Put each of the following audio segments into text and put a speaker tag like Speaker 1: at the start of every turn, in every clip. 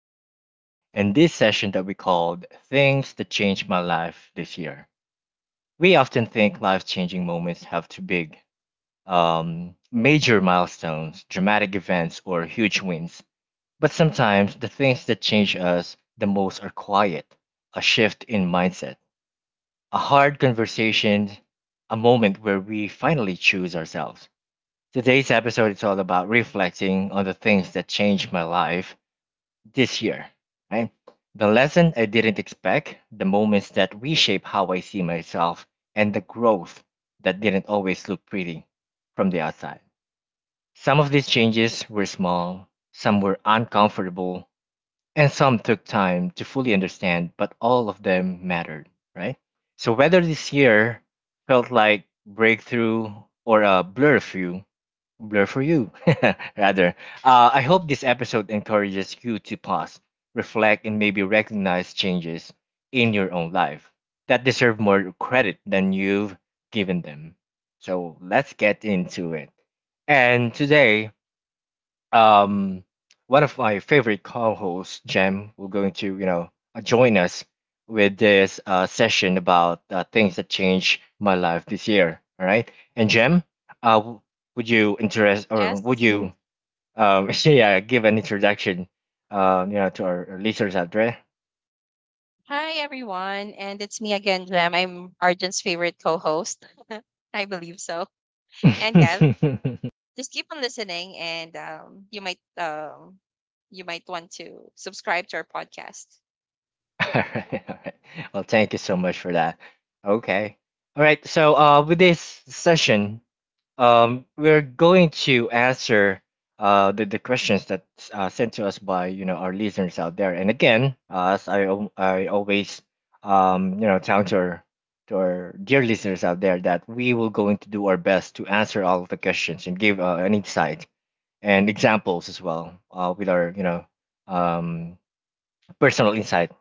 Speaker 1: podcast and this session that we called Things That Changed My Life This Year. We often think life changing moments have to big, major milestones, dramatic events, or huge wins. But sometimes the things that change us the most are quiet, a shift in mindset, a hard conversation, a moment where we finally choose ourselves. Today's episode is all about reflecting on the things that changed my life this year, right? The lesson I didn't expect, the moments that reshape how I see myself, and the growth that didn't always look pretty from the outside. Some of these changes were small, some were uncomfortable, and some took time to fully understand, but all of them mattered, right? So whether this year felt like breakthrough or a blur of you, blur for you, rather. I hope this episode encourages you to pause, reflect, and maybe recognize changes in your own life that deserve more credit than you've given them. So let's get into it. And today, um one of my favorite co-hosts Jem will going to join us with this session about things that changed my life this year, all right? And Jem, uh w- would you interest or would
Speaker 2: Yes.
Speaker 1: you yeah, give an introduction to our listeners out there.
Speaker 2: Hi, everyone. And it's me again, Jem. I'm Arjun's favorite co host. I believe so. And
Speaker 1: All
Speaker 2: yeah,
Speaker 1: right.
Speaker 2: just keep on listening, and you might. You might want to subscribe to our podcast.
Speaker 1: All right, well, thank you so much for that. Okay. All right. So, with this session, we're going to answer the questions that sent to us by our listeners out there. And again, as I always tell to our dear listeners out there that we will going to do our best to answer all of the questions and give an insight and examples as well with our um, personal insight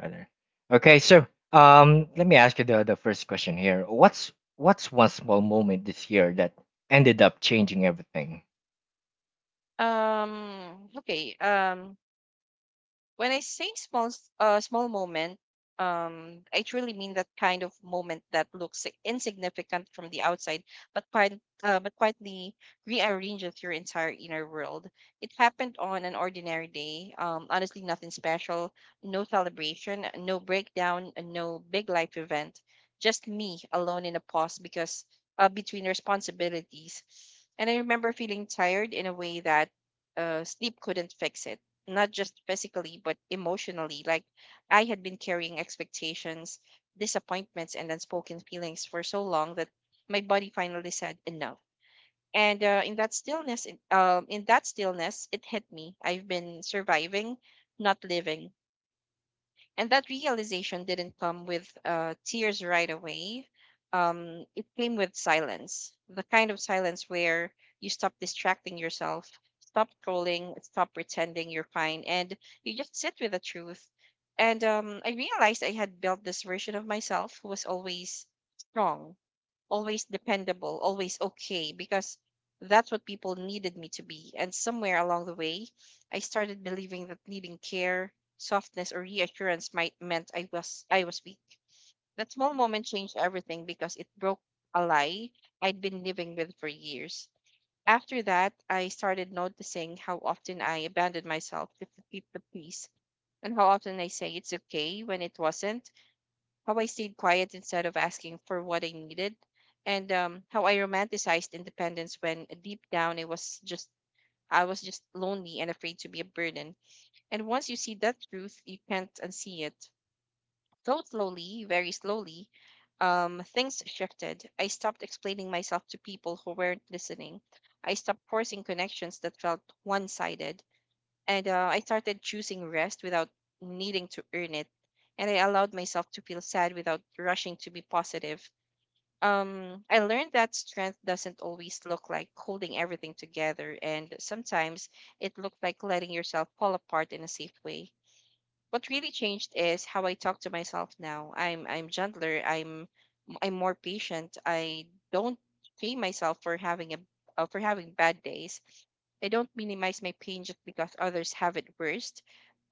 Speaker 1: rather. Okay, so let me ask you the first question here. What's one small moment this year that ended up changing everything?
Speaker 2: Okay. When I say small moment, I truly mean that kind of moment that looks insignificant from the outside, but quite but quietly rearranges your entire inner world. It happened on an ordinary day. Honestly, nothing special, no celebration, no breakdown, and no big life event. Just me alone in a pause because between responsibilities, and I remember feeling tired in a way that sleep couldn't fix it, not just physically but emotionally. Like, I had been carrying expectations, disappointments, and unspoken feelings for so long that my body finally said enough. And in that stillness it hit me, I've been surviving, not living. And that realization didn't come with tears right away. It came with silence, the kind of silence where you stop distracting yourself, stop trolling, stop pretending you're fine, and you just sit with the truth. And I realized I had built this version of myself who was always strong, always dependable, always okay, because that's what people needed me to be. And somewhere along the way, I started believing that needing care, softness, or reassurance might meant I was weak. That small moment changed everything because it broke a lie I'd been living with for years. After that, I started noticing how often I abandoned myself just to keep the peace, and how often I say it's okay when it wasn't, how I stayed quiet instead of asking for what I needed, and how I romanticized independence when deep down it was just I was just lonely and afraid to be a burden. And once you see that truth, you can't unsee it. So slowly, very slowly, things shifted. I stopped explaining myself to people who weren't listening. I stopped forcing connections that felt one sided, and I started choosing rest without needing to earn it, and I allowed myself to feel sad without rushing to be positive. I learned that strength doesn't always look like holding everything together, and sometimes it looked like letting yourself fall apart in a safe way. What really changed is how I talk to myself now. I'm gentler. I'm more patient. I don't shame myself for having a for having bad days. I don't minimize my pain just because others have it worse.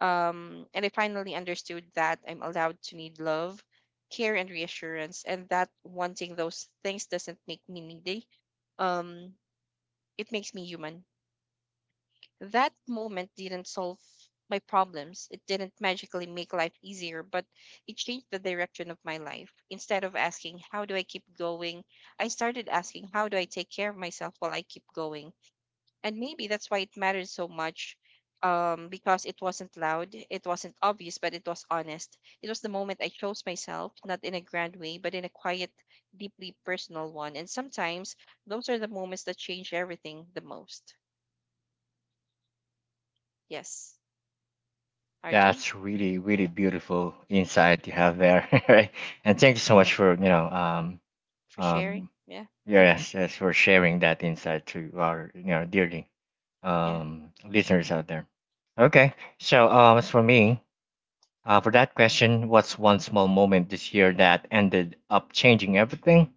Speaker 2: And I finally understood that I'm allowed to need love, care, and reassurance, and that wanting those things doesn't make me needy. Um, it makes me human. That moment didn't solve my problems. It didn't magically make life easier, but it changed the direction of my life. Instead of asking, how do I keep going? I started asking, how do I take care of myself while I keep going? And maybe that's why it mattered so much, because it wasn't loud, it wasn't obvious, but it was honest. It was the moment I chose myself, not in a grand way, but in a quiet, deeply personal one. And sometimes those are the moments that change everything the most. Yes, Arjun.
Speaker 1: That's really really beautiful insight you have there, right? And thank you so much for
Speaker 2: For sharing,
Speaker 1: um
Speaker 2: yeah.
Speaker 1: yeah, yes for sharing that insight to our dearly
Speaker 2: Yeah.
Speaker 1: listeners out there. Okay, so as for me, for that question, what's one small moment this year that ended up changing everything?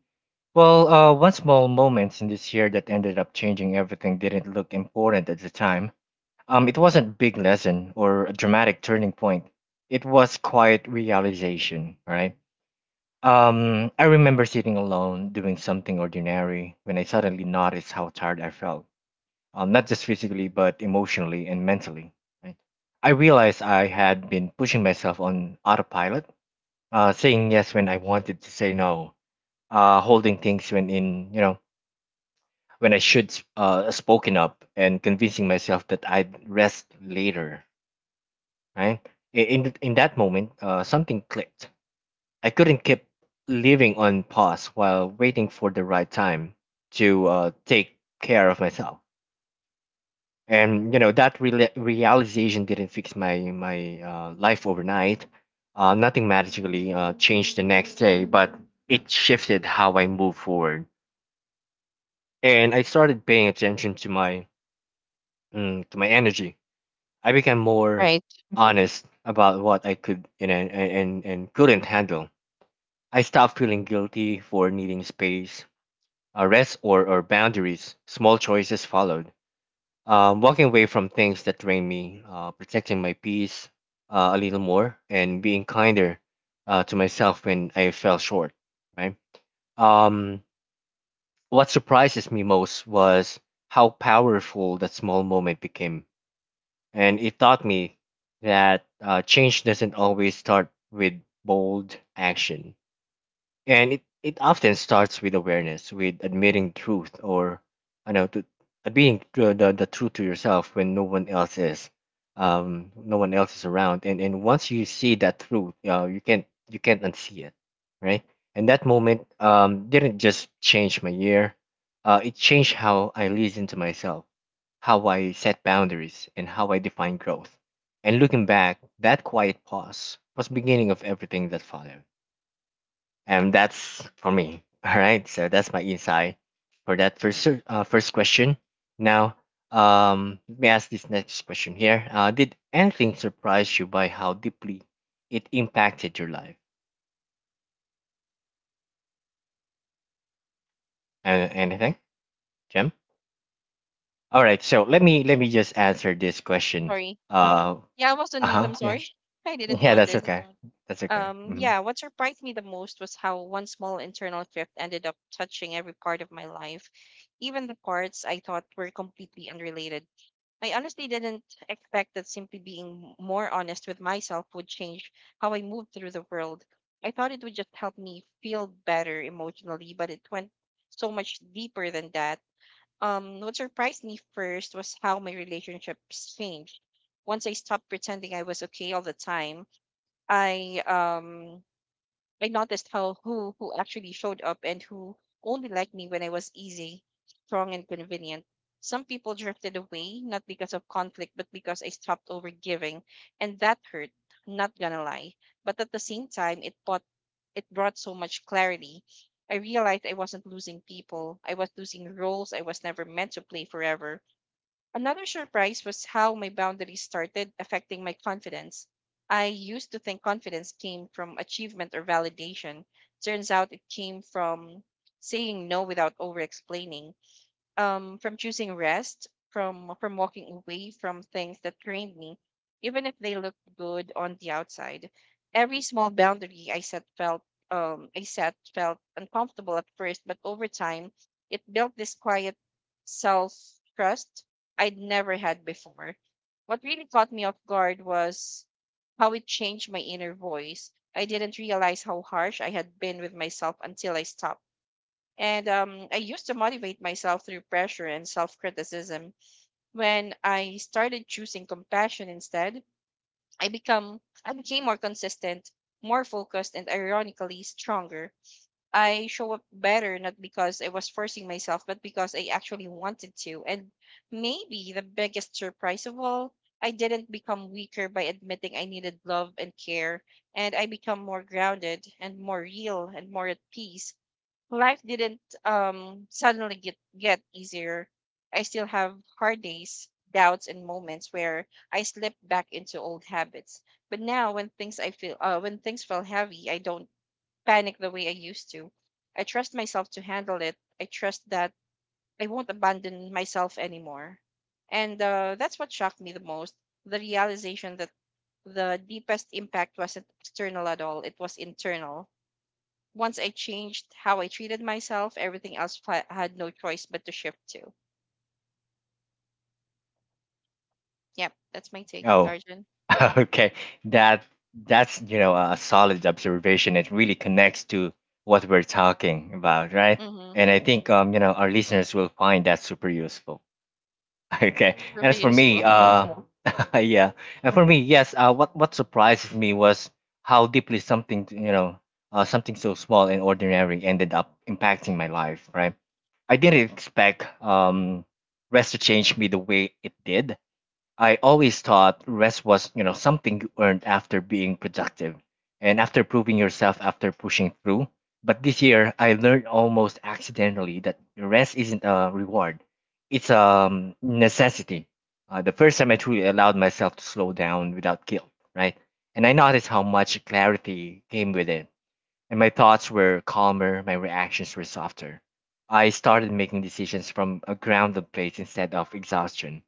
Speaker 1: Well, one small moment in this year that ended up changing everything didn't look important at the time. It wasn't big lesson or a dramatic turning point. It was quiet realization, right? I remember sitting alone doing something ordinary when I suddenly noticed how tired I felt, not just physically but emotionally and mentally. Right? I realized I had been pushing myself on autopilot, saying yes when I wanted to say no, holding things when in, when I should spoken up and convincing myself that I'd rest later. Right. In that moment, something clicked. I couldn't keep living on pause while waiting for the right time to take care of myself. And that realization didn't fix my life overnight. Nothing magically changed the next day, but it shifted how I moved forward. And I started paying attention to my to my energy. I became more
Speaker 2: Right.
Speaker 1: honest about what I could and couldn't handle. I stopped feeling guilty for needing space, rest, or boundaries. Small choices followed. Walking away from things that drained me, protecting my peace a little more, and being kinder to myself when I fell short. Right. Um, what surprises me most was how powerful that small moment became, and it taught me that change doesn't always start with bold action, and it often starts with awareness, with admitting truth, or I know to being the truth to yourself when no one else is around. And once you see that truth, you can't unsee it, right? And that moment didn't just change my year, it changed how I listen to myself, how I set boundaries, and how I define growth. And looking back, that quiet pause was beginning of everything that followed. And that's for me. All right. So that's my insight for that first question. Now, let me ask this next question here. Did anything surprise you by how deeply it impacted your life? Anything, Jim? All right. So let me just answer this question.
Speaker 2: Sorry.
Speaker 1: Uh,
Speaker 2: Yeah, I was
Speaker 1: uh
Speaker 2: on mute.
Speaker 1: huh.
Speaker 2: I'm
Speaker 1: Yeah.
Speaker 2: sorry, I didn't
Speaker 1: Yeah. That's
Speaker 2: notice.
Speaker 1: okay. That's okay. Mhm.
Speaker 2: Yeah, what surprised me the most was how one small internal shift ended up touching every part of my life, even the parts I thought were completely unrelated. I honestly didn't expect that simply being more honest with myself would change how I moved through the world. I thought it would just help me feel better emotionally, but it went so much deeper than that. What surprised me first was how my relationships changed. Once I stopped pretending I was okay all the time, I um I noticed how who actually showed up and who only liked me when I was easy, strong, and convenient. Some people drifted away not because of conflict, but because I stopped overgiving, and that hurt. Not gonna lie, but at the same time, it brought so much clarity. I realized I wasn't losing people. I was losing roles I was never meant to play forever. Another surprise was how my boundaries started affecting my confidence. I used to think confidence came from achievement or validation. Turns out it came from saying no without over explaining, from choosing rest, from walking away from things that drained me, even if they looked good on the outside. Every small boundary I set felt uncomfortable at first, but over time, it built this quiet self trust I'd never had before. What really caught me off guard was how it changed my inner voice. I didn't realize how harsh I had been with myself until I stopped. And I used to motivate myself through pressure and self criticism. When I started choosing compassion instead, I become I became more consistent, more focused, and ironically stronger. I show up better not because I was forcing myself, but because I actually wanted to. And maybe the biggest surprise of all, I didn't become weaker by admitting I needed love and care, and I become more grounded and more real and more at peace. Life didn't suddenly get easier. I still have hard days, doubts, and moments where I slip back into old habits. But now, when things feel heavy, I don't panic the way I used to. I trust myself to handle it. I trust that I won't abandon myself anymore. And that's what shocked me the most: the realization that the deepest impact wasn't external at all; it was internal. Once I changed how I treated myself, everything else had no choice but to shift to. Yep, that's my take,
Speaker 1: Oh,
Speaker 2: Arjun.
Speaker 1: okay. That that's a solid observation. It really connects to what we're talking about, right?
Speaker 2: Mm-hmm.
Speaker 1: And I think our listeners will find that super useful. Okay.
Speaker 2: It's
Speaker 1: And as
Speaker 2: really
Speaker 1: for me,
Speaker 2: useful.
Speaker 1: yeah. And for me, yes. What surprised me was how deeply something something so small and ordinary ended up impacting my life. Right. I didn't expect rest to change me the way it did. I always thought rest was, something you earned after being productive and after proving yourself after pushing through. But this year I learned almost accidentally that rest isn't a reward. It's a necessity. The first time I truly allowed myself to slow down without guilt, right? And I noticed how much clarity came with it. And my thoughts were calmer, my reactions were softer. I started making decisions from a grounded place instead of exhaustion.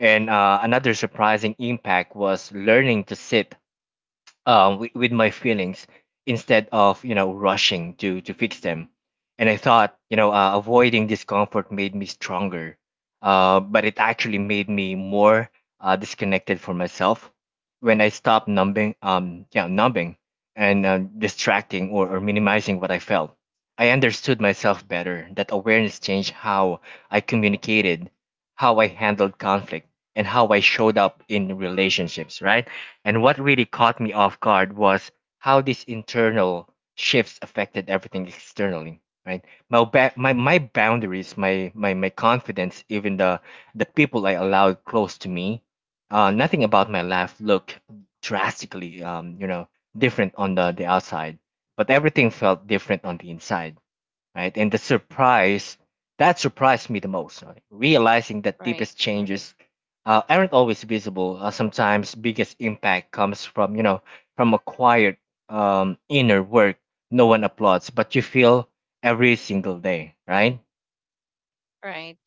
Speaker 1: And another surprising impact was learning to sit with my feelings instead of rushing to fix them. And I thought avoiding discomfort made me stronger, but it actually made me more disconnected from myself. When I stopped numbing numbing and distracting, or minimizing what I felt, I understood myself better. That awareness changed how I communicated, how I handled conflict, and how I showed up in relationships, right? And what really caught me off guard was how these internal shifts affected everything externally. Right, my boundaries, my confidence, even the people I allowed close to me. Nothing about my life looked drastically, different on the outside, but everything felt different on the inside, right? And the surprise that surprised me the most, right? Realizing that
Speaker 2: Right,
Speaker 1: deepest changes aren't always visible. Sometimes biggest impact comes from from acquired inner work no one applauds, but you feel every single day, right?
Speaker 2: right.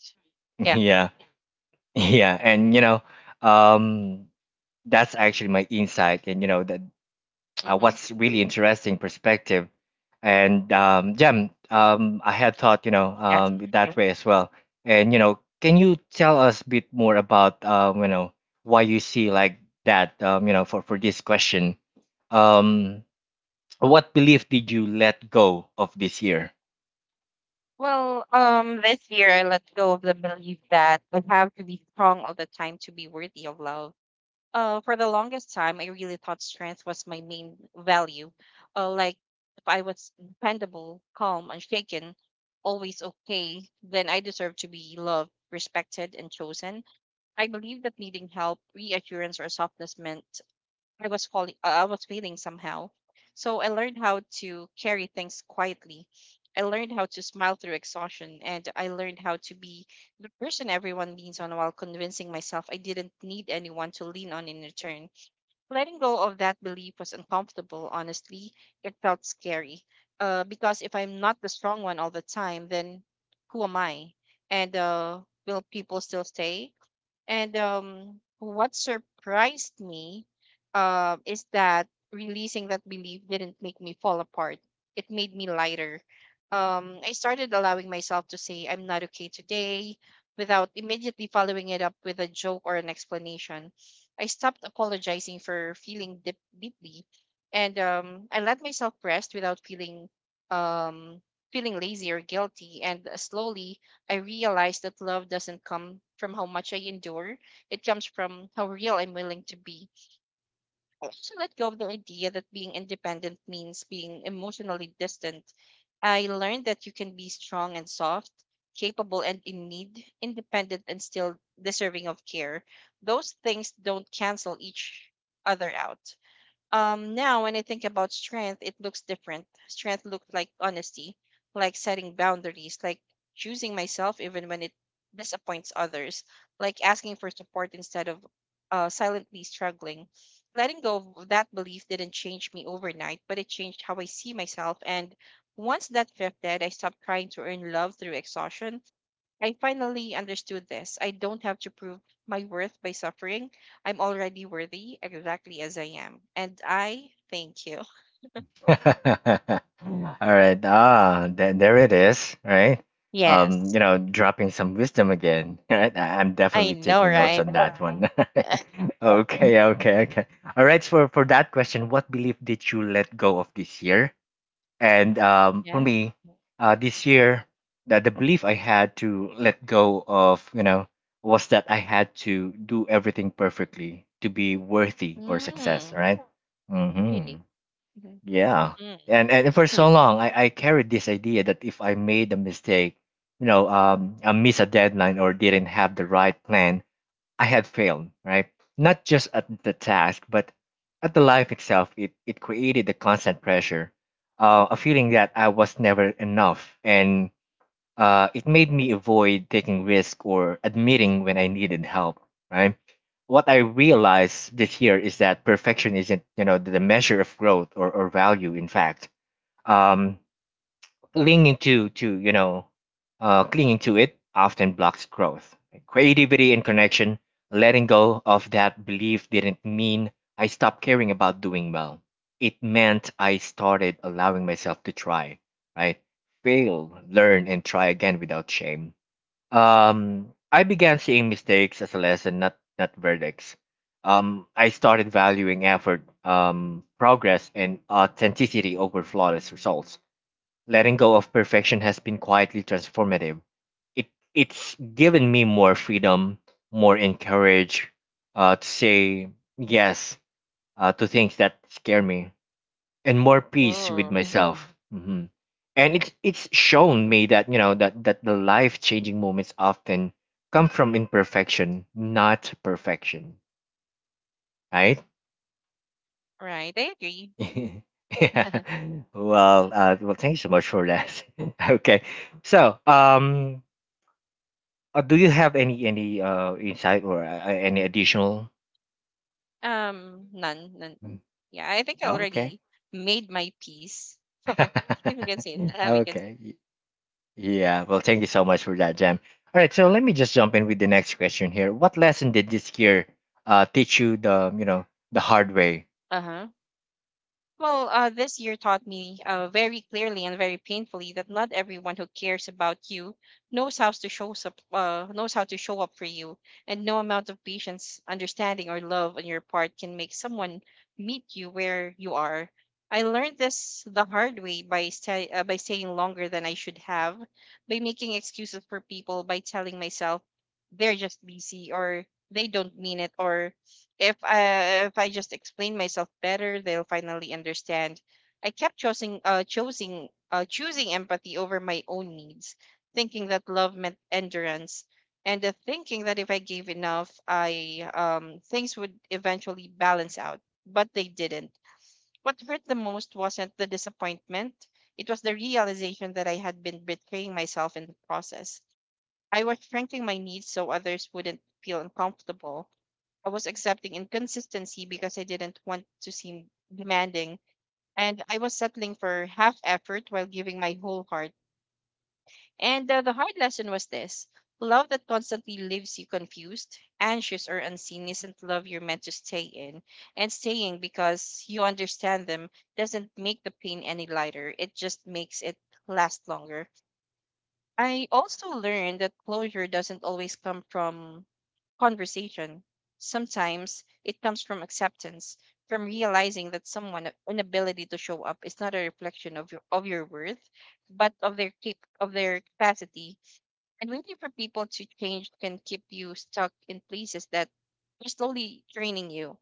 Speaker 2: Yeah.
Speaker 1: Yeah, yeah. And um, that's actually my insight, and that
Speaker 2: Mm-hmm.
Speaker 1: what's really interesting perspective. And yeah, I had thought,
Speaker 2: Yes.
Speaker 1: that way as well. And can you tell us a bit more about, why you see like that, for this question? Um, what belief did you let go of this year?
Speaker 2: Well, this year I let go of the belief that I have to be strong all the time to be worthy of love. For the longest time, I really thought strength was my main value. Like, if I was dependable, calm, unshaken, always okay, then I deserve to be loved, respected, and chosen. I believe that needing help, reassurance, or softness meant I was failing somehow. So I learned how to carry things quietly. I learned how to smile through exhaustion, and I learned how to be the person everyone leans on while convincing myself I didn't need anyone to lean on in return. Letting go of that belief was uncomfortable, honestly. It felt scary. Because if I'm not the strong one all the time, then who am I? And will people still stay? And what surprised me is that releasing that belief didn't make me fall apart. It made me lighter. I started allowing myself to say, I'm not okay today, without immediately following it up with a joke or an explanation. I stopped apologizing for feeling deep, deeply. And I let myself rest without um, feeling lazy or guilty. And slowly, I realized that love doesn't come from how much I endure, it comes from how real I'm willing to be. I also let go of the idea that being independent means being emotionally distant. I learned that you can be strong and soft, capable and in need, independent and still deserving of care. Those things don't cancel each other out. Now when I think about strength, it looks different. Strength looked like honesty, like setting boundaries, like choosing myself even when it disappoints others, like asking for support instead of silently struggling. Letting go of that belief didn't change me overnight, but it changed how I see myself. And once that shifted, I stopped trying to earn love through exhaustion. I finally understood this. I don't have to prove my worth by suffering. I'm already worthy exactly as I am. And I thank you.
Speaker 1: All right, ah, th there it is, right?
Speaker 2: Yes.
Speaker 1: Dropping some wisdom again, right? I'm
Speaker 2: I
Speaker 1: definitely
Speaker 2: know,
Speaker 1: taking notes
Speaker 2: right?
Speaker 1: on that one. Okay, okay, okay. All right. For that question, what belief did you let go of this year? And for
Speaker 2: Yeah.
Speaker 1: me, this year, that the belief I had to let go of, was that I had to do everything perfectly to be worthy or success.
Speaker 2: Mm,
Speaker 1: Right. Mm-hmm.
Speaker 2: really? Mhm.
Speaker 1: Yeah.
Speaker 2: Mm,
Speaker 1: And for so
Speaker 2: hmm.
Speaker 1: long, I carried this idea that if I made a mistake, I missed a deadline or didn't have the right plan, I had failed, right? Not just at the task, but at the life itself. It created the constant pressure, a feeling that I was never enough. And it made me avoid taking risk or admitting when I needed help, right? What I realized this year is that perfection isn't, the measure of growth, or value, in fact. Um, clinging to clinging to it often blocks growth, creativity, and connection. Letting go of that belief didn't mean I stopped caring about doing well. It meant I started allowing myself to try, right? Fail, learn, and try again without shame. I began seeing mistakes as a lesson, not verdicts. I started valuing effort, progress, and authenticity over flawless results. Letting go of perfection has been quietly transformative. It, it's given me more freedom, more encourage to say yes to things that scare me, and more peace with
Speaker 2: Oh,
Speaker 1: myself. And it's shown me that that that the life changing moments often come from imperfection, not perfection. Right?
Speaker 2: right. I agree.
Speaker 1: Yeah. Well, thank you so much for that. Okay. So, um, do you have any insight or any additional?
Speaker 2: None, none.
Speaker 1: Mm.
Speaker 2: Yeah, I think I
Speaker 1: Okay.
Speaker 2: already made my peace. If you can see, we can see.
Speaker 1: Okay. Yeah. Well, thank you so much for that, Jam. All right. So let me just jump in with the next question here. What lesson did this year teach you the the hard way?
Speaker 2: Uh huh. Well, this year taught me very clearly and very painfully that not everyone who cares about you knows how to show up, knows how to show up for you, and no amount of patience, understanding, or love on your part can make someone meet you where you are. I learned this the hard way by by staying longer than I should have, by making excuses for people, by telling myself they're just busy, or they don't mean it, or if I just explain myself better, they'll finally understand. I kept choosing empathy over my own needs, thinking that love meant endurance, and thinking that if I gave enough, I things would eventually balance out. But they didn't. What hurt the most wasn't the disappointment; it was the realization that I had been betraying myself in the process. I was shrinking my needs so others wouldn't feel uncomfortable. I was accepting inconsistency because I didn't want to seem demanding, and I was settling for half effort while giving my whole heart. And The hard lesson was this: love that constantly leaves you confused, anxious, or unseen isn't love you're meant to stay in. And staying because you understand them doesn't make the pain any lighter, it just makes it last longer. I also learned that closure doesn't always come from conversation. Sometimes it comes from acceptance, from realizing that someone's inability to show up is not a reflection of your worth, but of their of their capacity. And waiting for people to change can keep you stuck in places that are slowly draining you.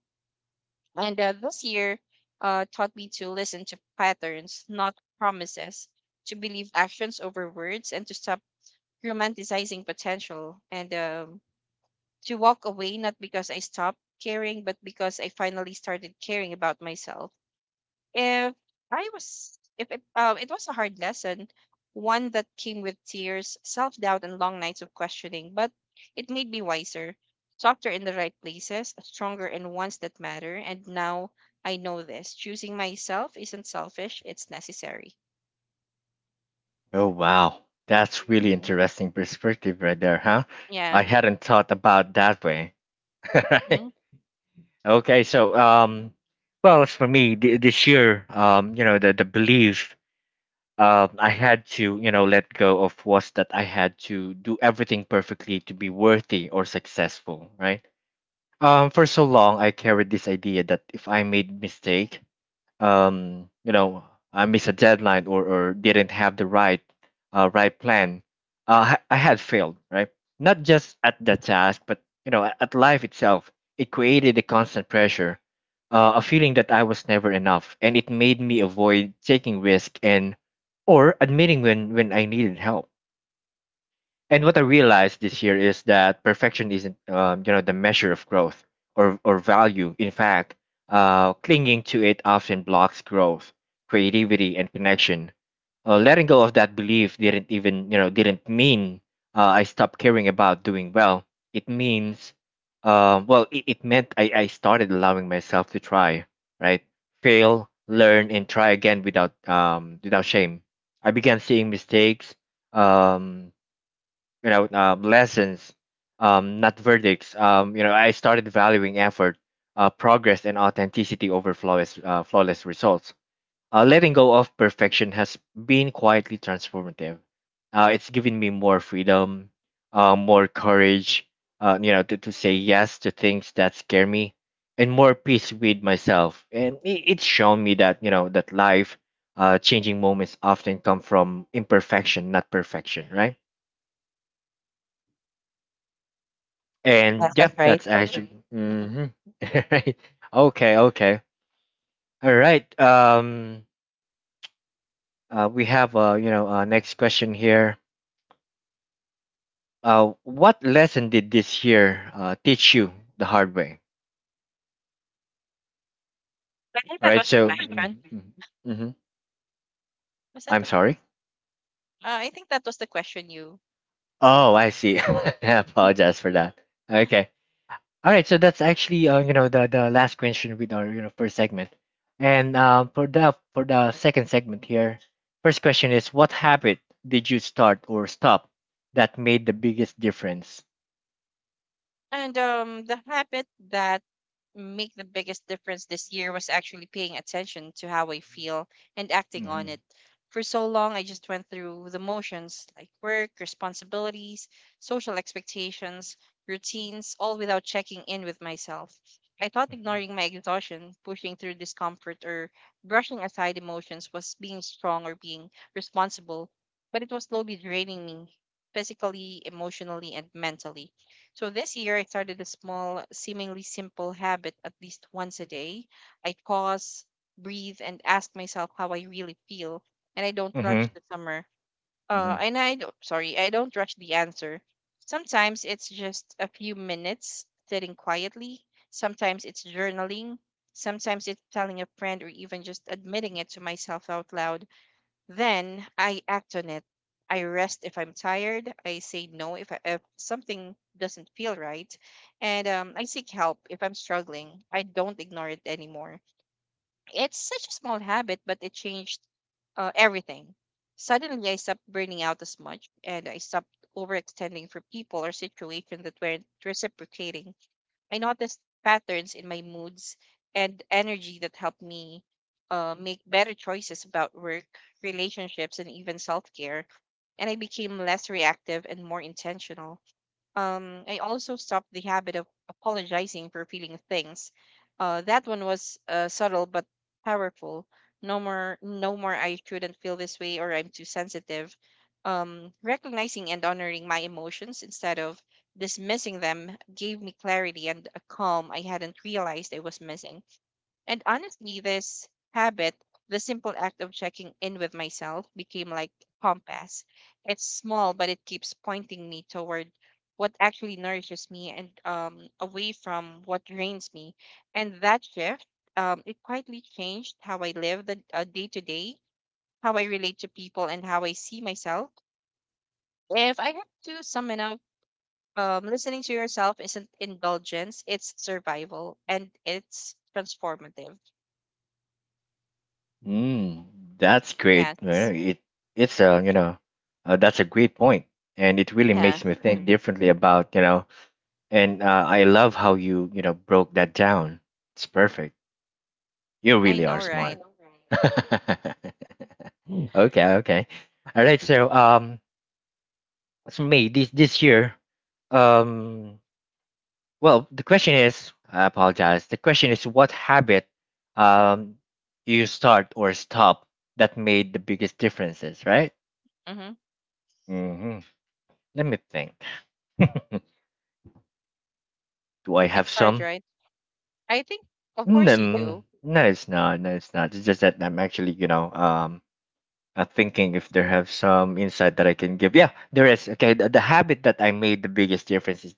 Speaker 2: And This year taught me to listen to patterns, not promises, to believe actions over words, and to stop romanticizing potential. And To walk away not because I stopped caring, but because I finally started caring about myself. If I was, if it, It was a hard lesson, one that came with tears, self doubt, and long nights of questioning, but it made me wiser, softer in the right places, stronger in ones that matter. And now I know this: choosing myself isn't selfish, it's necessary.
Speaker 1: Oh wow, that's really
Speaker 2: Hmm.
Speaker 1: interesting perspective right there, huh? I
Speaker 2: Yeah.
Speaker 1: hadn't thought about that way. Right.
Speaker 2: Hmm.
Speaker 1: Okay. Well, as for me, this year, the belief I had to, you know, let go of was that I had to do everything perfectly to be worthy or successful, right? For so long, I carried this idea that if I made mistake, you know, I missed a deadline or didn't have the right right plan, I had failed, right? Not just at the task, but you know, at life itself. It created a constant pressure, a feeling that I was never enough, and it made me avoid taking risk and or admitting when I needed help. And what I realized this year is that perfection isn't the measure of growth or value. In fact, clinging to it often blocks growth, creativity, and connection. Letting go of that belief didn't even you know didn't mean I stopped caring about doing well. It means, well, It meant I started allowing myself to try, right? Fail, learn, and try again without shame. I began seeing mistakes um you know lessons, not verdicts. I started valuing effort, progress, and authenticity over flawless results. Letting go of perfection has been quietly transformative. It's given me more freedom, more courage, to say yes to things that scare me, and more peace with myself. And it's shown me that that life changing moments often come from imperfection, not perfection, right?
Speaker 2: Yes,
Speaker 1: And
Speaker 2: that's
Speaker 1: yep,
Speaker 2: right.
Speaker 1: that's actually
Speaker 2: Hmm.
Speaker 1: right. Okay. Okay. All right. We have next question here. What lesson did this year teach you the hard way?
Speaker 2: I think
Speaker 1: All
Speaker 2: that
Speaker 1: right.
Speaker 2: was the
Speaker 1: So. Mm-hmm.
Speaker 2: question.
Speaker 1: Mm-hmm. Mm-hmm.
Speaker 2: Was that
Speaker 1: I'm
Speaker 2: the?
Speaker 1: sorry.
Speaker 2: I think that was the question you.
Speaker 1: Oh, I see. I apologize for that. Okay. All right, so that's actually the last question with our first segment, and for the second segment here, first question is what habit did you start or stop that made the biggest difference?
Speaker 2: And The habit that make the biggest difference this year was actually paying attention to how I feel and acting on
Speaker 1: Mm-hmm.
Speaker 2: it. For so long, I just went through the motions, like work, responsibilities, social expectations, routines, all without checking in with myself. I thought ignoring my exhaustion, pushing through discomfort, or brushing aside emotions was being strong or being responsible, but it was slowly draining me physically, emotionally, and mentally. So this year, I started a small, seemingly simple habit: at least once a day, I pause, breathe, and ask myself how I really feel, and I don't
Speaker 1: Mm-hmm.
Speaker 2: rush the summer.
Speaker 1: Mm-hmm.
Speaker 2: And I don't, sorry, I don't rush the answer. Sometimes it's just a few minutes sitting quietly. Sometimes it's journaling. Sometimes it's telling a friend or even just admitting it to myself out loud. Then I act on it. I rest if I'm tired. I say no if something doesn't feel right. And I seek help if I'm struggling. I don't ignore it anymore. It's such a small habit, but it changed everything. Suddenly, I stopped burning out as much, and I stopped overextending for people or situations that weren't reciprocating. I noticed patterns in my moods and energy that helped me make better choices about work, relationships, and even self care. And I became less reactive and more intentional. I also stopped the habit of apologizing for feeling things. That one was subtle but powerful. No more "I shouldn't feel this way," or "I'm too sensitive." Recognizing and honoring my emotions instead of dismissing them gave me clarity and a calm I hadn't realized I was missing. And honestly, this habit, the simple act of checking in with myself, became like compass. It's small, but it keeps pointing me toward what actually nourishes me and away from what drains me. And that shift, it quietly changed how I live the day to day, how I relate to people, and how I see myself. If I have to sum it up, listening to yourself isn't indulgence; it's survival, and it's transformative.
Speaker 1: Mm, that's great.
Speaker 2: Yes.
Speaker 1: Well, It it's a you know That's a great point, and it really makes me think differently about you know. And I love how you you know broke that down. It's perfect. You
Speaker 2: I
Speaker 1: really
Speaker 2: know,
Speaker 1: are smart.
Speaker 2: right?
Speaker 1: I know, right? Okay, okay. All right, so May this year, um, well the question is I apologize. The question is what habit um you start or stop that made the biggest differences, right?
Speaker 2: Hmm.
Speaker 1: Hmm. Let me think. Do I have
Speaker 2: It's hard,
Speaker 1: some?
Speaker 2: right? I think, of course, you
Speaker 1: No,
Speaker 2: do.
Speaker 1: no, it's not. No, it's not. It's just that I'm actually, you know, um, thinking if there have some insight that I can give. Yeah, there is. Okay, the habit that I made the biggest difference is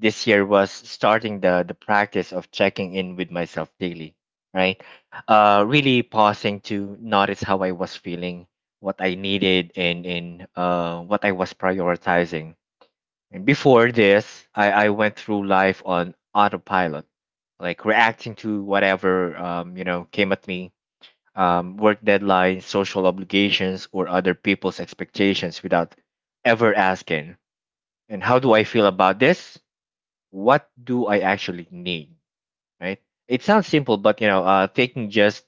Speaker 1: this year was starting the practice of checking in with myself daily. Right, really pausing to notice how I was feeling, what I needed, and what I was prioritizing. And before this, I went through life on autopilot, like reacting to whatever came at me, work deadlines, social obligations, or other people's expectations without ever asking, and how do I feel about this? What do I actually need? Right? It sounds simple, but you know, taking just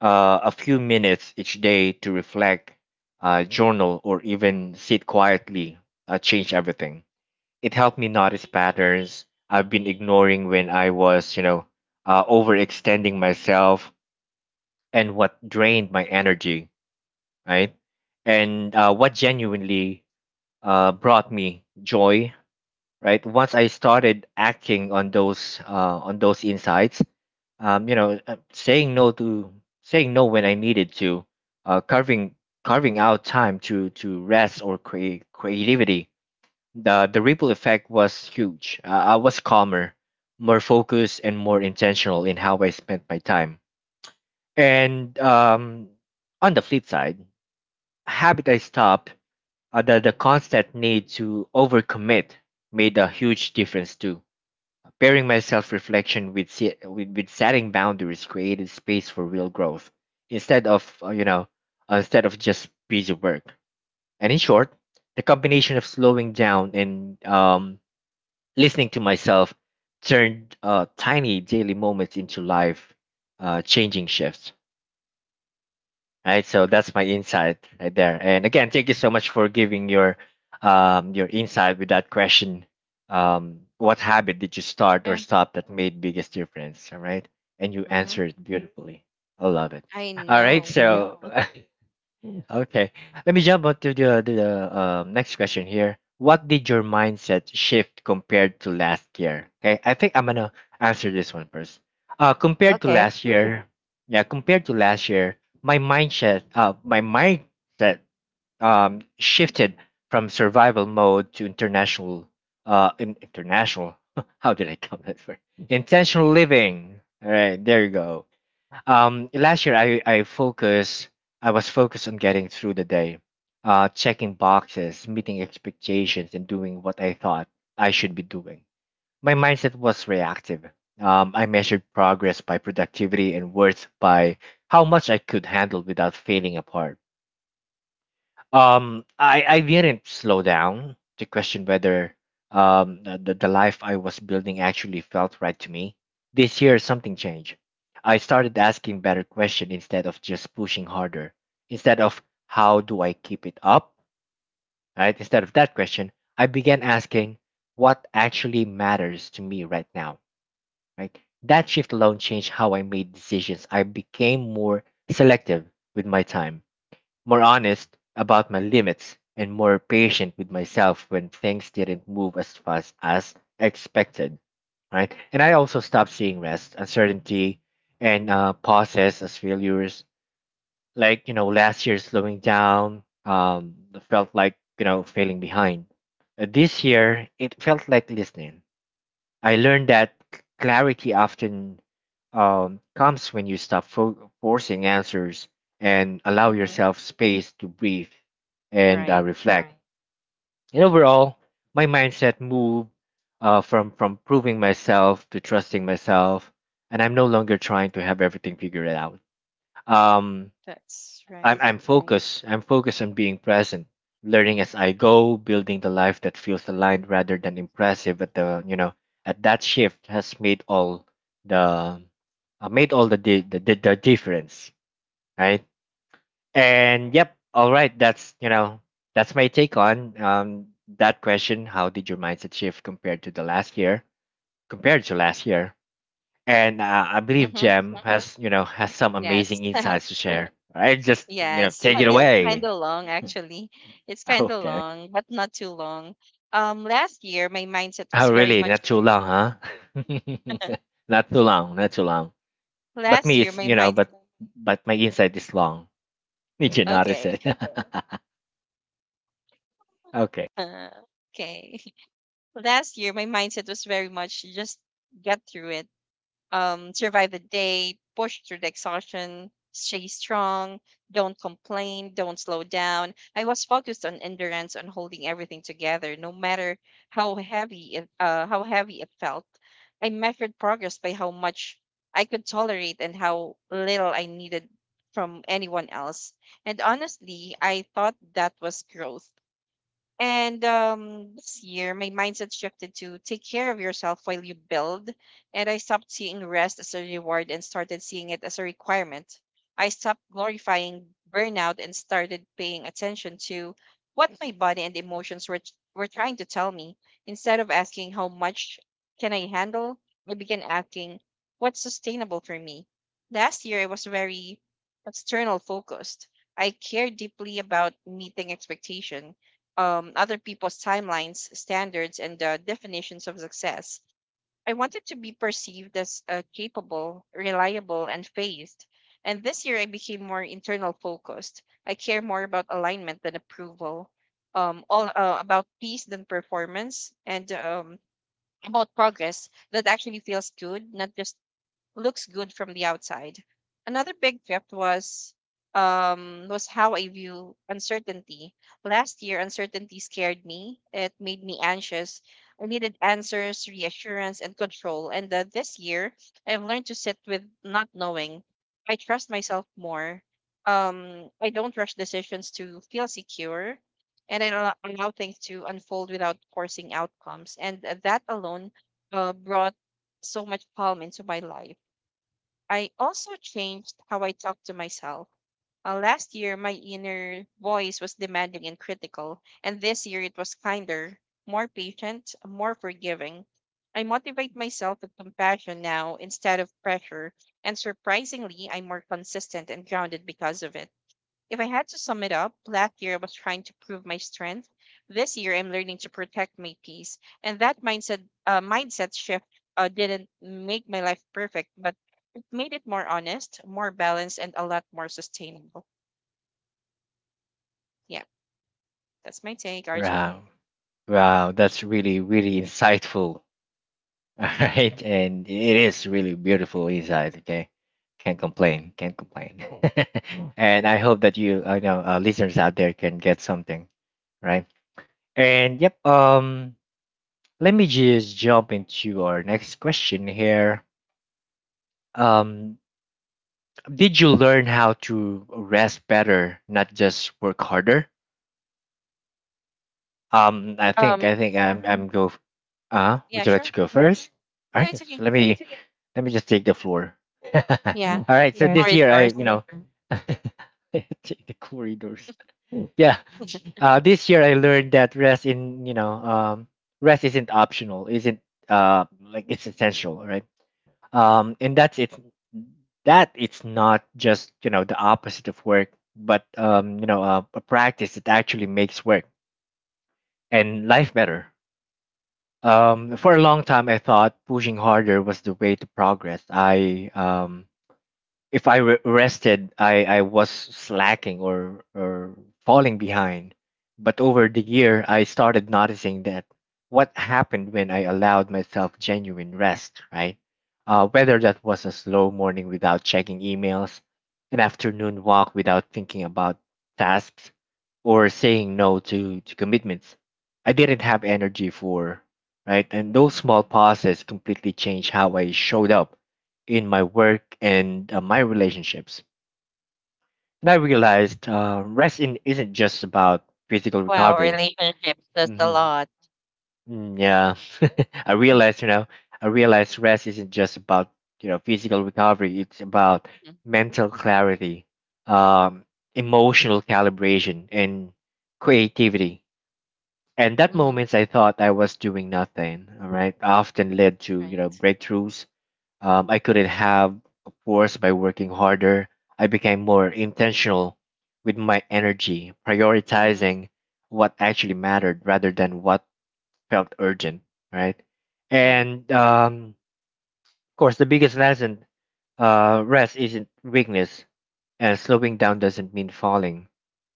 Speaker 1: a few minutes each day to reflect, journal, or even sit quietly change everything. It helped me notice patterns I've been ignoring when I was, you know, overextending myself and what drained my energy, right? And what
Speaker 2: Mhm.
Speaker 1: genuinely brought me joy, right? Once I started acting on those insights, um, you know, uh, saying no to saying no when I needed to, uh, carving carving out time to rest or create creativity. The ripple effect was huge. I was calmer, more focused, and more intentional in how I spent my time. And on the flip side, habit I stopped, the constant need to overcommit made a huge difference too. Pairing my self reflection with, with setting boundaries created space for real growth instead of instead of just busy work. And in short, the combination of slowing down and listening to myself turned tiny daily moments into life changing shifts, right? So that's my insight right there, and again thank you so much for giving your insight with that question. Um, what habit did you start or
Speaker 2: Yeah.
Speaker 1: stop that made biggest difference? All right, and you
Speaker 2: Hmm.
Speaker 1: answered beautifully. I love it.
Speaker 2: I
Speaker 1: All right. Yeah.
Speaker 2: know.
Speaker 1: So okay, let me jump on to the next question here. What did your mindset shift compared to last year? Okay, I think I'm gonna answer this one first. Compared to
Speaker 2: Okay.
Speaker 1: last year, yeah, compared to last year, my mindset, shifted from survival mode to international, international. How did I come that word? Intentional living. All right, there you go. Last year I was focused on getting through the day, checking boxes, meeting expectations, and doing what I thought I should be doing. My mindset was reactive. I measured progress by productivity and worth by how much I could handle without failing apart. I didn't slow down to question whether the life I was building actually felt right to me. This year something changed. I started asking better questions instead of just pushing harder. Instead of how do I keep it up, right? Instead of that question, I began asking what actually matters to me right now, right? That shift alone changed how I made decisions. I became more selective with my time, more honest about my limits, and more patient with myself when things didn't move as fast as expected. Right. And I also stopped seeing rest, uncertainty, and pauses as failures. Like, you know, last year slowing down felt like, you know, failing behind. This year, it felt like listening. I learned that clarity often comes when you stop forcing answers and allow
Speaker 2: Hmm.
Speaker 1: yourself space to breathe and
Speaker 2: Right.
Speaker 1: reflect. And overall, my mindset moved from proving myself to trusting myself, and I'm no longer trying to have everything figured out. Um,
Speaker 2: That's right.
Speaker 1: I'm right? Focused. I'm focused on being present, learning as I go, building the life that feels aligned rather than impressive at the you know at that shift has made all the the difference, right? And yep, all right. That's that's my take on that question. How did your mindset shift compared to the last year? Compared to last year, and I believe
Speaker 2: Hmm.
Speaker 1: Jem Mm-hmm. has you know has some amazing
Speaker 2: Yes.
Speaker 1: Yeah. insights to share. All right? Just you know
Speaker 2: Yes.
Speaker 1: take it Yes.
Speaker 2: This is kind
Speaker 1: away.
Speaker 2: of long, actually. It's
Speaker 1: Oh,
Speaker 2: kind of
Speaker 1: okay.
Speaker 2: long, but not too long. Last year, my mindset was
Speaker 1: Oh,
Speaker 2: very
Speaker 1: really?
Speaker 2: much.
Speaker 1: Not too long, huh? Not too long. Not too long. But
Speaker 2: Last
Speaker 1: me,
Speaker 2: year,
Speaker 1: it's
Speaker 2: my
Speaker 1: you know,
Speaker 2: mind.
Speaker 1: but my insight is long. Did you notice
Speaker 2: Okay.
Speaker 1: it? Okay.
Speaker 2: Okay. Last year, my mindset was very much just get through it. Um, survive the day, push through the exhaustion, stay strong, don't complain, don't slow down. I was focused on endurance, on holding everything together, no matter how heavy it felt. I measured progress by how much I could tolerate and how little I needed from anyone else. And honestly, I thought that was growth. And This year, my mindset shifted to take care of yourself while you build. And I stopped seeing rest as a reward and started seeing it as a requirement. I stopped glorifying burnout and started paying attention to what my body and emotions were trying to tell me. Instead of asking, how much can I handle? I began asking, what's sustainable for me? Last year, I was very external focused. I cared deeply about meeting expectation, other people's timelines, standards, and definitions of success. I wanted to be perceived as capable, reliable, and phased. And this year, I became more internal focused. I care more about alignment than approval, all about peace than performance, and about progress that actually feels good, not just looks good from the outside. Another big shift was how I view uncertainty. Last year, uncertainty scared me. It made me anxious. I needed answers, reassurance, and control. And This year, I've learned to sit with not knowing. I trust myself more. I don't rush decisions to feel secure, and I allow things to unfold without forcing outcomes. And That alone brought so much calm into my life. I also changed how I talk to myself. Last year, my inner voice was demanding and critical, and this year it was kinder, more patient, more forgiving. I motivate myself with compassion now instead of pressure, and surprisingly, I'm more consistent and grounded because of it. If I had to sum it up, last year I was trying to prove my strength. This year, I'm learning to protect my peace, and that mindset shift didn't make my life perfect, but made it more honest, more balanced, and a lot more sustainable. Yeah, that's my take, Arjun.
Speaker 1: Wow. Wow. That's really really insightful. All right, and it is really beautiful inside. Okay. Can't complain. Can't complain. And I hope that you, I know, listeners out there can get something, right. And yep. Let me just jump into our next question here. Um, did you learn how to rest better, not just work harder? I think I
Speaker 2: Um,
Speaker 1: think
Speaker 2: yeah,
Speaker 1: would you like to
Speaker 2: sure.
Speaker 1: go first? All
Speaker 2: No,
Speaker 1: right,
Speaker 2: it's
Speaker 1: so
Speaker 2: okay.
Speaker 1: let me just take the floor.
Speaker 2: Yeah.
Speaker 1: All right, so
Speaker 2: Or
Speaker 1: this
Speaker 2: is
Speaker 1: year I
Speaker 2: yours?
Speaker 1: you know take the corridors. Yeah, this year I
Speaker 2: Mm.
Speaker 1: learned that rest in you know rest isn't optional, isn't like it's essential, right? Um, and that's it that it's not just you know the opposite of work but you know a practice that actually makes work and life better. Um, for a long time I thought pushing harder was the way to progress. I if I rested, I was slacking or falling behind. But over the year, I started noticing that what happened when I allowed myself genuine rest, right? Whether that was a slow morning without checking emails, an afternoon walk without thinking about tasks, or saying no to commitments I didn't have energy for, right? And those small pauses completely changed how I showed up in my work and my relationships. And I realized rest isn't just about physical
Speaker 2: Wow,
Speaker 1: recovery.
Speaker 2: relationships does a
Speaker 1: Hmm.
Speaker 2: lot.
Speaker 1: Yeah, I realized, you know, I realized rest isn't just about physical recovery. It's about mental clarity, um, emotional calibration, and creativity. And that
Speaker 2: Mm-hmm.
Speaker 1: moments I thought I was doing nothing, all right, often led to
Speaker 2: Right.
Speaker 1: breakthroughs I couldn't have, of course, by working harder. I became more intentional with my energy,
Speaker 2: Mm-hmm.
Speaker 1: prioritizing what actually mattered rather than what felt urgent, right?
Speaker 2: Right.
Speaker 1: And of course, the biggest lesson rest isn't weakness, and slowing down doesn't mean falling,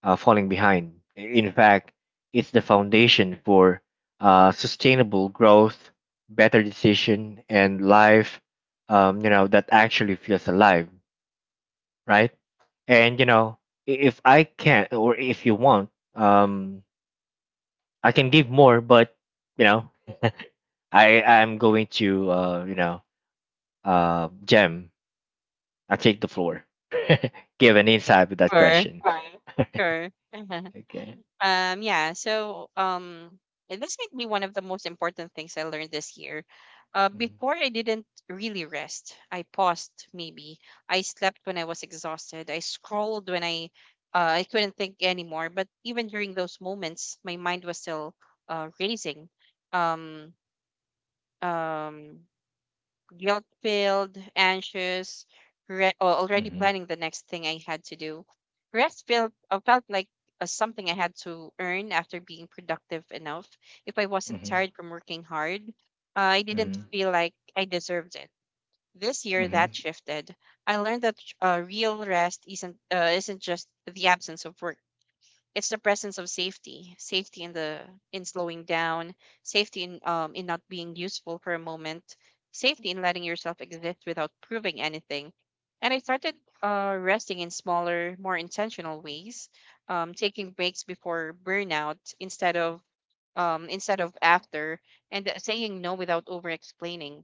Speaker 1: falling behind. In fact, it's the foundation for sustainable growth, better decision, and life. You know that actually feels alive, right? And you know, if I can, or if you want, um, I can give more, but you know, I'm going to, Gem, I take the floor, give an insight with that
Speaker 2: Sure,
Speaker 1: question.
Speaker 2: sure.
Speaker 1: Okay.
Speaker 2: Yeah, so and this might be one of the most important things I learned this year.
Speaker 1: Mm-hmm.
Speaker 2: Before I didn't really rest. I paused maybe. I slept when I was exhausted. I scrolled when I couldn't think anymore. But even during those moments, my mind was still racing. Um, um, Guilt filled, anxious, or already
Speaker 1: Mm-hmm.
Speaker 2: planning the next thing I had to do. Rest felt felt like something I had to earn after being productive enough. If I wasn't tired
Speaker 1: Hmm.
Speaker 2: from working hard, I didn't
Speaker 1: Hmm.
Speaker 2: feel like I deserved it. This year,
Speaker 1: Hmm.
Speaker 2: that shifted. I learned that real rest isn't just the absence of work. It's the presence of safety: safety in the in slowing down, safety in not being useful for a moment, safety in letting yourself exist without proving anything. And I started resting in smaller, more intentional ways, um, taking breaks before burnout instead of after, and saying no without over explaining,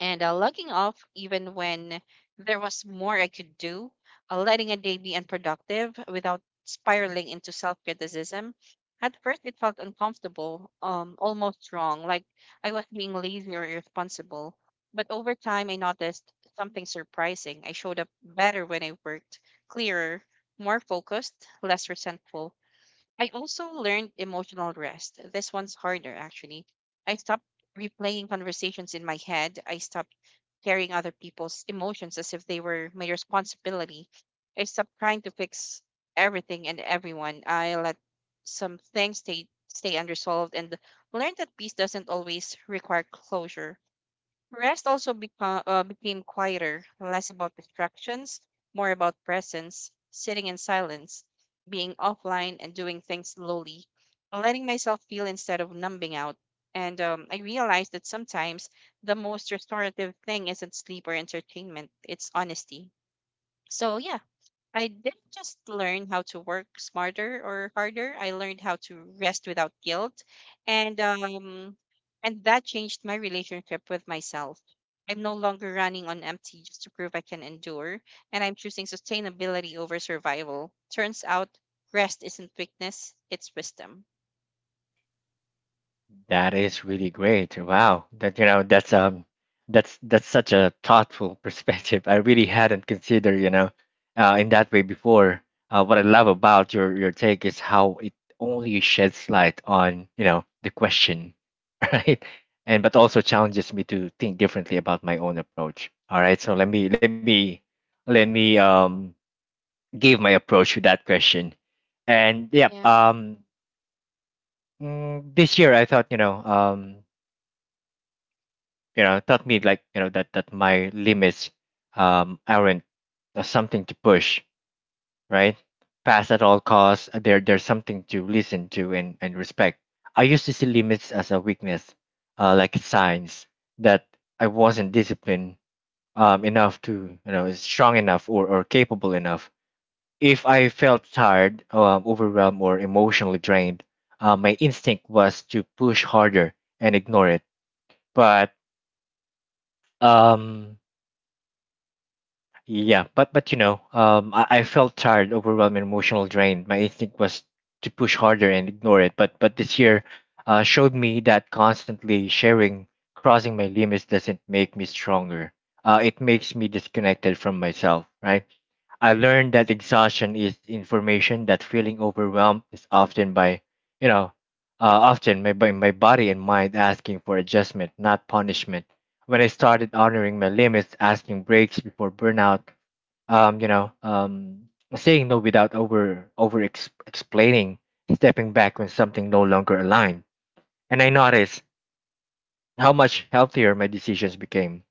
Speaker 2: and logging off even when there was more I could do, letting a day be unproductive without spiraling into self criticism. At first, it felt uncomfortable, almost wrong, like I was being lazy or irresponsible. But over time, I noticed something surprising. I showed up better when I worked, clearer, more focused, less resentful. I also learned emotional rest. This one's harder, actually. I stopped replaying conversations in my head. I stopped carrying other people's emotions as if they were my responsibility. I stopped trying to fix everything and everyone. I let some things stay unresolved and learned that peace doesn't always require closure. Became quieter, less about distractions, more about presence, sitting in silence, being offline and doing things slowly, letting myself feel instead of numbing out. And I realized that sometimes the most restorative thing isn't sleep or entertainment, it's honesty. So, yeah, I didn't just learn how to work smarter or harder. I learned how to rest without guilt, and um, and that changed my relationship with myself. I'm no longer running on empty just to prove I can endure, and I'm choosing sustainability over survival. Turns out, rest isn't weakness; it's wisdom.
Speaker 1: That is really great. Wow. That's that's such a thoughtful perspective. I really hadn't considered, you know, in that way before. What I love about your take is how it only sheds light on, you know, the question, right? And but also challenges me to think differently about my own approach. All right. So let me give my approach to that question. And yep, this year I thought, you know, taught me like, you know, that my limits aren't something to push, right? Pass at all costs. There's something to listen to and respect. I used to see limits as a weakness, like signs that I wasn't disciplined enough to, you know, strong enough or capable enough. If I felt tired, overwhelmed, or emotionally drained, my instinct was to push harder and ignore it but um you know I felt tired overwhelmed and emotional drained my instinct was to push harder and ignore it but this year showed me that constantly sharing crossing my limits doesn't make me stronger, it makes me disconnected from myself, right? I learned that exhaustion is information, that feeling overwhelmed is often by, you know, uh, often my, by my body and mind asking for adjustment, not punishment. When I started honoring my limits, asking breaks before burnout, um, you know, um, saying no without explaining, stepping back when something no longer aligned, and I noticed how much healthier my decisions became.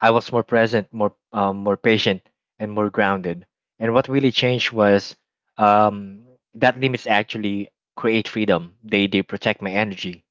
Speaker 1: I was more present, more patient, and more grounded. And what really changed was um, that limits actually create freedom. They protect my energy,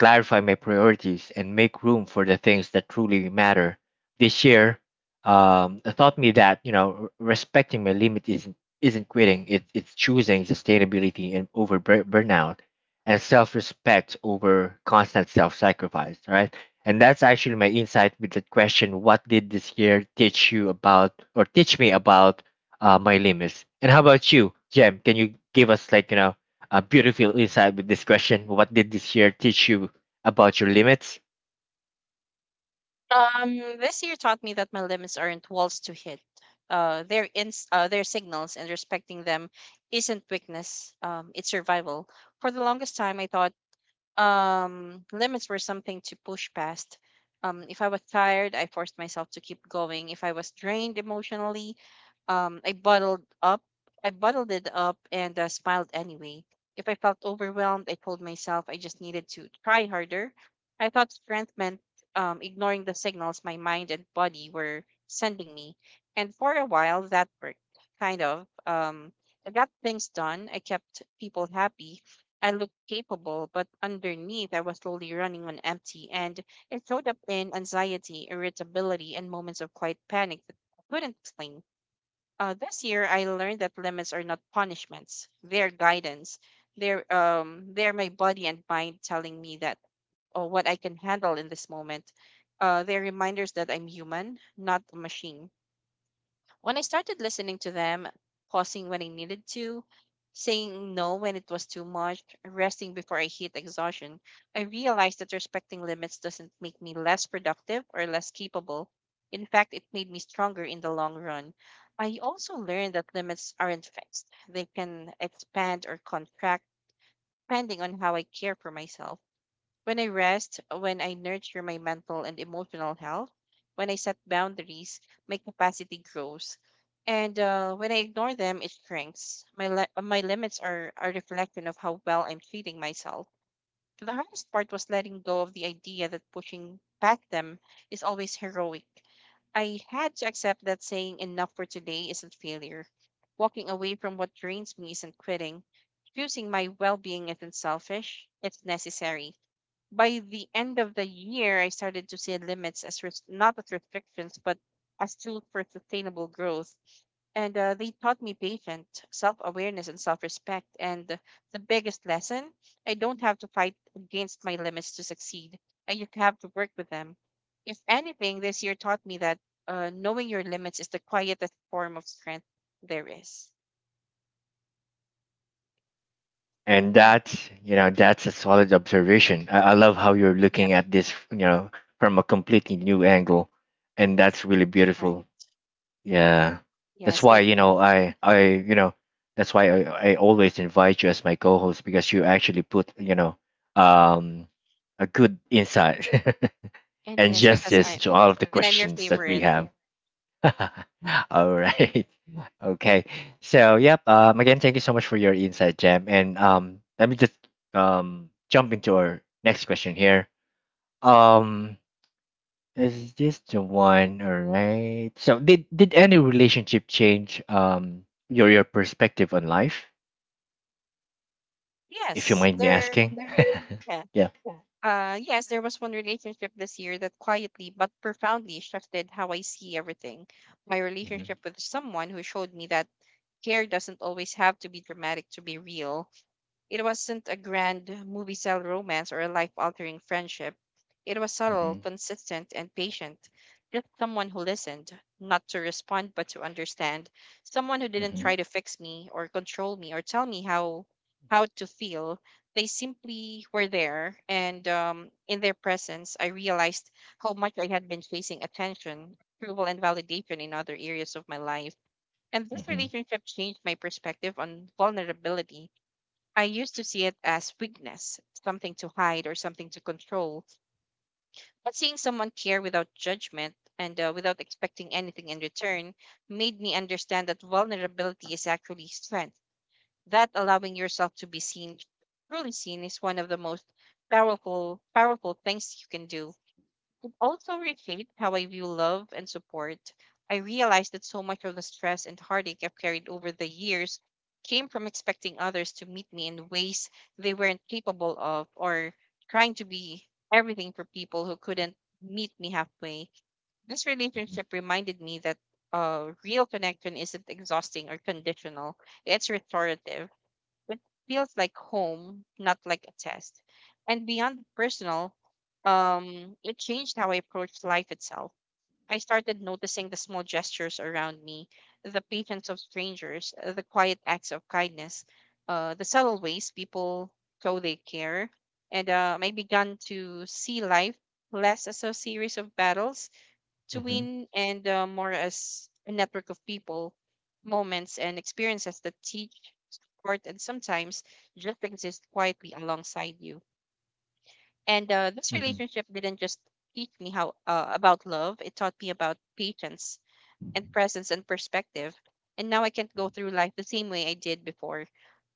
Speaker 1: clarify my priorities, and make room for the things that truly matter. This year, it taught me that you know respecting my limit isn't quitting. It's choosing sustainability and over burnout, and self-respect over constant self-sacrifice. Right, and that's actually my insight with the question: What did this year teach you about, or teach me about my limits? And how about you, Jem? Can you give us like you know a beautiful insight with this question. What did this year teach you about your limits?
Speaker 2: This year taught me that my limits aren't walls to hit. They're signals, and respecting them isn't weakness. It's survival. For the longest time, I thought limits were something to push past. If I was tired, I forced myself to keep going. If I was drained emotionally, I bottled up. I bottled it up and smiled anyway. If I felt overwhelmed, I told myself I just needed to try harder. I thought strength meant ignoring the signals my mind and body were sending me. And for a while, that worked, kind of. I got things done. I kept people happy. I looked capable, but underneath, I was slowly running on empty. And it showed up in anxiety, irritability, and moments of quiet panic that I couldn't explain. This year, I learned that limits are not punishments; they're guidance. They're my body and mind telling me that oh what I can handle in this moment. They're reminders that I'm human, not a machine. When I started listening to them, pausing when I needed to, saying no when it was too much, resting before I hit exhaustion, I realized that respecting limits doesn't make me less productive or less capable. In fact, it made me stronger in the long run. I also learned that limits aren't fixed, they can expand or contract depending on how I care for myself. When I rest, when I nurture my mental and emotional health, when I set boundaries, my capacity grows. And when I ignore them, it shrinks. My limits are a reflection of how well I'm treating myself. The hardest part was letting go of the idea that pushing past them is always heroic. I had to accept that saying enough for today isn't failure. Walking away from what drains me isn't quitting. Choosing my well being isn't selfish, it's necessary by the end of the year, I started to see not as restrictions, but as tools for sustainable growth. And they taught me patience, self awareness, and self respect. And the biggest lesson I don't have to fight against my limits to succeed. I just have to work with them. If anything, this year taught me that knowing your limits is the quietest form of strength there is.
Speaker 1: And
Speaker 2: Yeah.
Speaker 1: that's you know that's a solid observation. I love how you're looking
Speaker 2: Yep.
Speaker 1: at this you know from a completely new angle, and that's really beautiful.
Speaker 2: Right.
Speaker 1: Yeah, that's
Speaker 2: Yes,
Speaker 1: why
Speaker 2: like
Speaker 1: you know
Speaker 2: me.
Speaker 1: I you know that's why I always invite you as my co-host because you actually put you know um a good insight
Speaker 2: And
Speaker 1: and
Speaker 2: yes, because
Speaker 1: justice
Speaker 2: I'm,
Speaker 1: to all of the
Speaker 2: and I'm your
Speaker 1: questions that we
Speaker 2: favorite.
Speaker 1: have. All right. Okay. So, yep. Again, thank you so much for your insight, Jam. And let me just jump into our next question here. Um, is this the one? All right. So, did any relationship change your perspective on life? If you
Speaker 2: Yes,
Speaker 1: mind me
Speaker 2: there.
Speaker 1: asking.
Speaker 2: Yeah.
Speaker 1: Yeah.
Speaker 2: Yes, there was one relationship this year that quietly but profoundly shifted how I see everything. My
Speaker 1: Mm-hmm.
Speaker 2: relationship with someone who showed me that care doesn't always have to be dramatic to be real. It wasn't a grand movie style romance or a life altering friendship. It was subtle,
Speaker 1: Mm-hmm.
Speaker 2: consistent, and patient. Just someone who listened, not to respond but to understand. Someone who didn't
Speaker 1: Mm-hmm.
Speaker 2: try to fix me or control me or tell me how to feel. They simply were there, and in their presence, I realized how much I had been chasing attention, approval, and validation in other areas of my life. And this
Speaker 1: Mm-hmm. Mm-hmm.
Speaker 2: relationship changed my perspective on vulnerability. I used to see it as weakness, something to hide or something to control. But seeing someone care without judgment and without expecting anything in return made me understand that vulnerability is actually strength. That allowing yourself to be seen, truly seen, is one of the most powerful things you can do. Also reshaped how I view love and support. I realized that so much of the stress and heartache I've carried over the years came from expecting others to meet me in ways they weren't capable of or trying to be everything for people who couldn't meet me halfway. This relationship reminded me that real connection isn't exhausting or conditional, it's restorative. It feels like home, not like a test. And beyond personal, it changed how I approached life itself. I started noticing the small gestures around me, the patience of strangers, the quiet acts of kindness, the subtle ways people show they care. And I began to see life less as a series of battles to
Speaker 1: Mm-hmm.
Speaker 2: win and more as a network of people, moments, and experiences that teach, support, and sometimes just exist quietly alongside you. And this
Speaker 1: Mm-hmm.
Speaker 2: relationship didn't just teach me how about love; it taught me about patience, and presence and perspective. And now I can't go through life the same way I did before.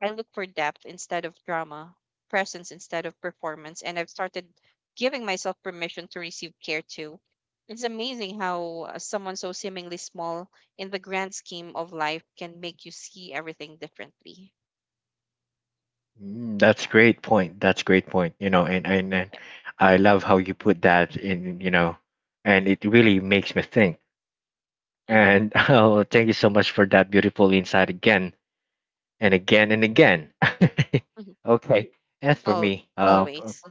Speaker 2: I look for depth instead of drama, presence instead of performance, and I've started giving myself permission to receive care too. It's amazing how someone so seemingly small in the grand scheme of life can make you see everything differently.
Speaker 1: Mm. That's
Speaker 2: Yeah.
Speaker 1: great point. That's great point. And
Speaker 2: Yep.
Speaker 1: I love how you put that in, you know, and it really makes me think.
Speaker 2: Mm-hmm.
Speaker 1: And oh, thank you so much for that beautiful insight again and again and again.
Speaker 2: Hmm.
Speaker 1: Okay. As for
Speaker 2: Al-
Speaker 1: me,
Speaker 2: Always.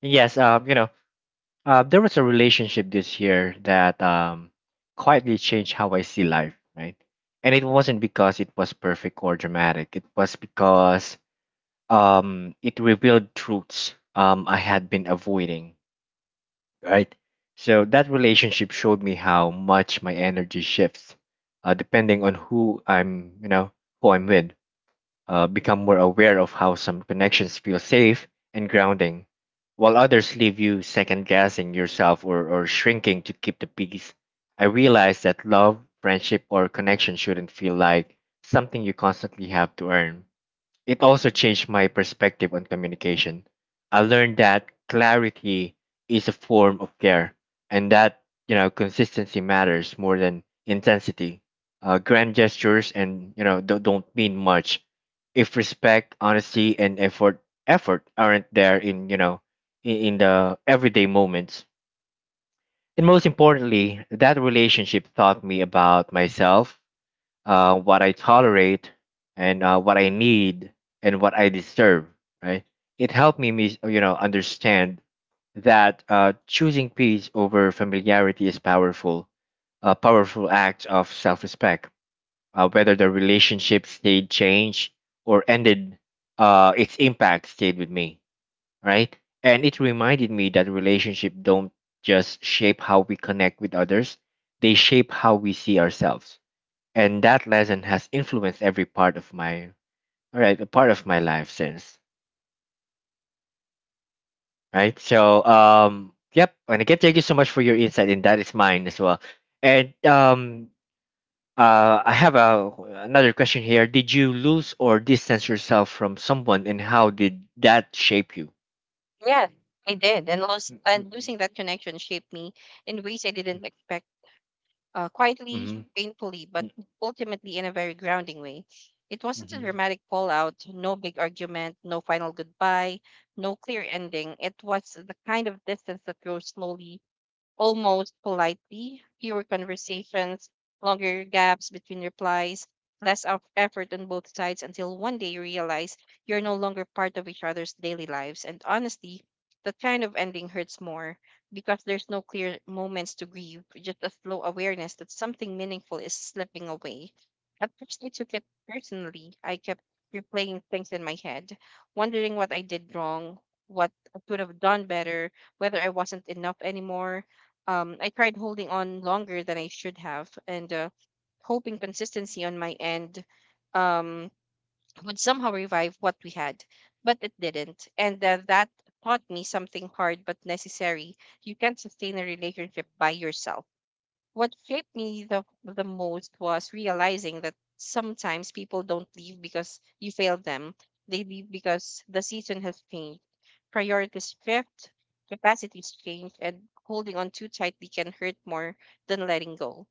Speaker 1: yes, you know, there was a relationship this year that quietly changed how I see life, right? And it wasn't because it was perfect or dramatic. It was because it revealed truths I had been avoiding, right? So that relationship showed me how much my energy shifts depending on who I'm, you know, who I'm with. Become more aware of how some connections feel safe and grounding, while others leave you second guessing yourself or shrinking to keep the peace. I realized that love, friendship, or connection shouldn't feel like something you constantly have to earn. It also changed my perspective on communication. I learned that clarity is a form of care and that, you know, consistency matters more than intensity. Grand gestures and, you know, don't mean much if respect, honesty and effort aren't there in, you know, in the everyday moments. And most importantly, that relationship taught me about myself, what I tolerate, and what I need, and what I deserve. Right? It helped me, you know, understand that choosing peace over familiarity is powerful, a powerful act of self-respect. Whether the relationship stayed changed or ended, its impact stayed with me. Right? And it reminded me that relationship don't just shape how we connect with others; they shape how we see ourselves, and that lesson has influenced every part of my all right a part of my life since, right? So yep, and again thank you so much for your insight and that is mine as well. And I have a another question here: did you lose or distance yourself from someone, and how did that shape you?
Speaker 2: Yeah, I did. And lost
Speaker 1: Mm-hmm.
Speaker 2: and losing that connection shaped me in ways I didn't expect, quietly,
Speaker 1: Mm-hmm.
Speaker 2: painfully, but ultimately in a very grounding way. It wasn't a
Speaker 1: Mm-hmm.
Speaker 2: dramatic fallout, no big argument, no final goodbye, no clear ending. It was the kind of distance that grows slowly almost politely, fewer conversations, longer gaps between replies, less of effort on both sides until one day you realize you're no longer part of each other's daily lives. And honestly, that kind of ending hurts more because there's no clear moments to grieve, just a slow awareness that something meaningful is slipping away. At first, I took it personally. I kept replaying things in my head, wondering what I did wrong, what I could have done better, whether I wasn't enough anymore. I tried holding on longer than I should have and hoping consistency on my end um, would somehow revive what we had, but it didn't. And that taught me something hard but necessary. You can't sustain a relationship by yourself. What shaped me the most was realizing that sometimes people don't leave because you failed them. They leave because the season has changed, priorities shift, capacities change, and holding on too tightly can hurt more than letting go.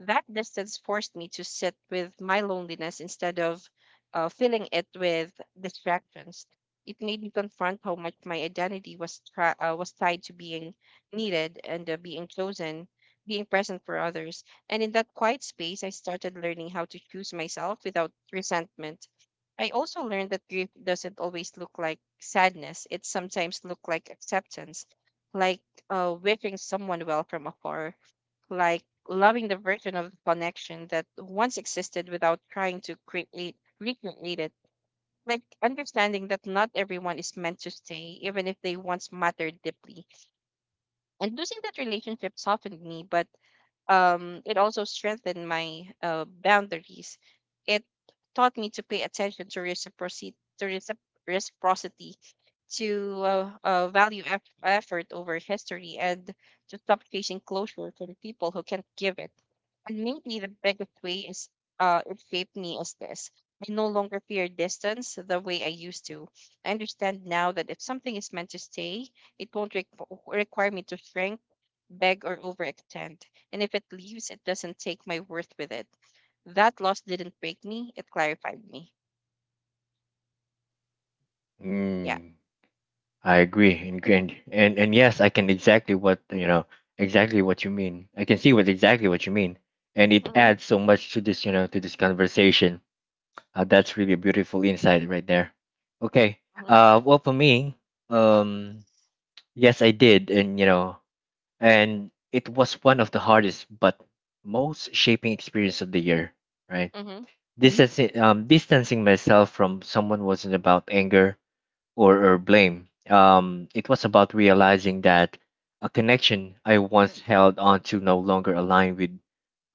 Speaker 2: That distance forced me to sit with my loneliness instead of filling it with distractions. It made me confront how much my identity was tied to being needed and being chosen, being present for others. And in that quiet space, I started learning how to choose myself without resentment. I also learned that grief doesn't always look like sadness. It sometimes looks like acceptance, like wishing someone well from afar, like loving the version of the connection that once existed without trying to create recreate it, like understanding that not everyone is meant to stay even if they once mattered deeply. And losing that relationship softened me, but it also strengthened my boundaries. It taught me to pay attention to reciprocity, reciprocity, to value effort over history, and to stop chasing closure from people who can't give it. And maybe the biggest way is it shaped me is this. I no longer fear distance the way I used to. I understand now that if something is meant to stay, it won't requ require me to shrink, beg, or overextend. And if it leaves, it doesn't take my worth with it. That loss didn't break me, it clarified me. Yeah.
Speaker 1: Mm. I agree, and yes, I can exactly what you know exactly what you mean. I can see what exactly what you mean, and it
Speaker 2: Mm-hmm.
Speaker 1: adds so much to this you know to this conversation. That's really a beautiful insight right there. Okay.
Speaker 2: Mm-hmm.
Speaker 1: Well, for me, um, yes, I did, and you know, and it was one of the hardest but most shaping experience of the year. Right,
Speaker 2: Mm-hmm.
Speaker 1: distancing myself from someone wasn't about anger or blame. It was about realizing that a connection I once held on to no longer aligned with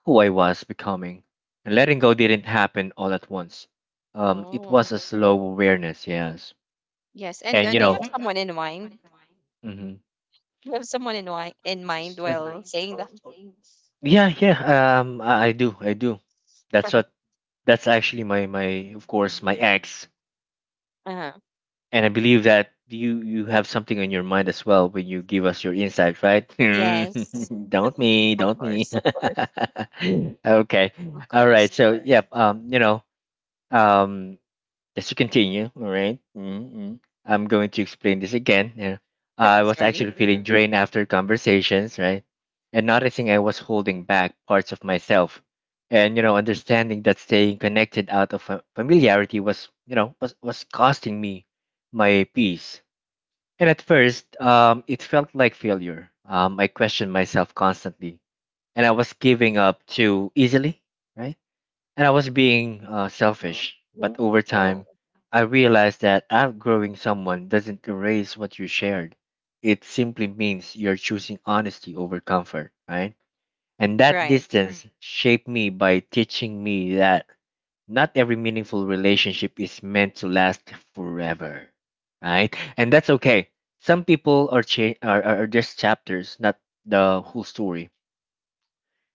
Speaker 1: who I was becoming. And letting go didn't happen all at once. It was
Speaker 2: Oh,
Speaker 1: a slow awareness, yes.
Speaker 2: yes. And
Speaker 1: And you
Speaker 2: do you
Speaker 1: know,
Speaker 2: have someone in mind?
Speaker 1: mhm.
Speaker 2: Do you have someone in mind while saying that?
Speaker 1: Yeah, yeah. I do, I do. That's what. That's actually of course, my ex.
Speaker 2: Uh-huh.
Speaker 1: And I believe that you have something on your mind as well when you give us your insight, right?
Speaker 2: Yes, of
Speaker 1: Don't me.
Speaker 2: course.
Speaker 1: Okay.
Speaker 2: Of
Speaker 1: All
Speaker 2: course.
Speaker 1: right. So, yep. You know, um, just to continue, all right? Mm-hmm. I'm going to explain this again. You know, I was
Speaker 2: Sorry.
Speaker 1: actually feeling drained after conversations, right? And noticing I was holding back parts of myself. And you know, understanding that staying connected out of familiarity was, you know, was costing me my peace. And at first, it felt like failure. I questioned myself constantly, and I was giving up too easily, right? And I was being
Speaker 2: Mhm.
Speaker 1: selfish. But over
Speaker 2: Oh,
Speaker 1: time, I realized that outgrowing someone doesn't erase what you shared. It simply means you're choosing honesty over comfort, right? And that
Speaker 2: right,
Speaker 1: distance shaped me by teaching me that not every meaningful relationship is meant to last forever, right? And that's okay. Some people are just chapters, not the whole story.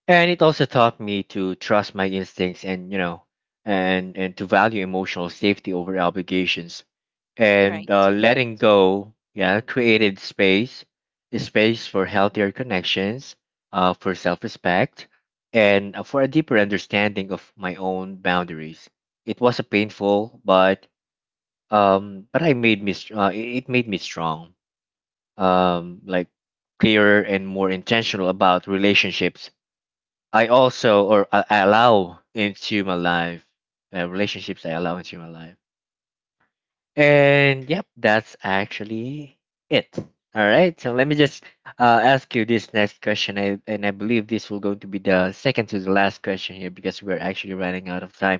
Speaker 1: And it also taught me to trust my instincts and you know and to value emotional safety over obligations, and
Speaker 2: right.
Speaker 1: letting go yeah created space, for healthier connections, for self-respect, and for a deeper understanding of my own boundaries. It was a painful but I made me str- it it made me strong, like clearer and more intentional about relationships I also or I allow into my life, relationships I allow into my life. And yep, that's actually it. All right, so let me just ask you this next question, and I believe this will going to be the second to the last question here because we're actually running out of time.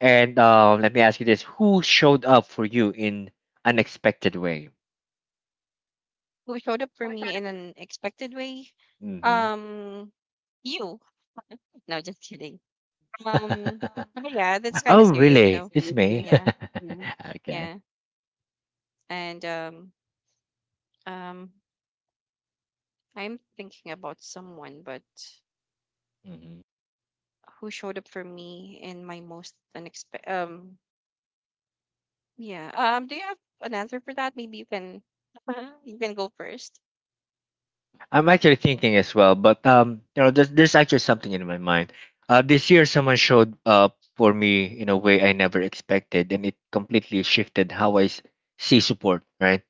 Speaker 1: And let me ask you this: Who showed up for you in unexpected way?
Speaker 2: Who showed up for me in an expected way?
Speaker 1: Hmm.
Speaker 2: Um, you. No, just kidding. Um, but yeah, that's kind of
Speaker 1: Oh,
Speaker 2: serious, you
Speaker 1: really?
Speaker 2: know.
Speaker 1: It's me.
Speaker 2: Yeah.
Speaker 1: Okay.
Speaker 2: Yeah. And um I'm thinking about someone but
Speaker 1: Mm-hmm.
Speaker 2: who showed up for me in my most unexpected, um, yeah. Um, do you have an answer for that? Maybe you can you can go first.
Speaker 1: I'm actually thinking as well, but you know, there's actually something in my mind. This year, someone showed up for me in a way I never expected, and it completely shifted how see support. Right?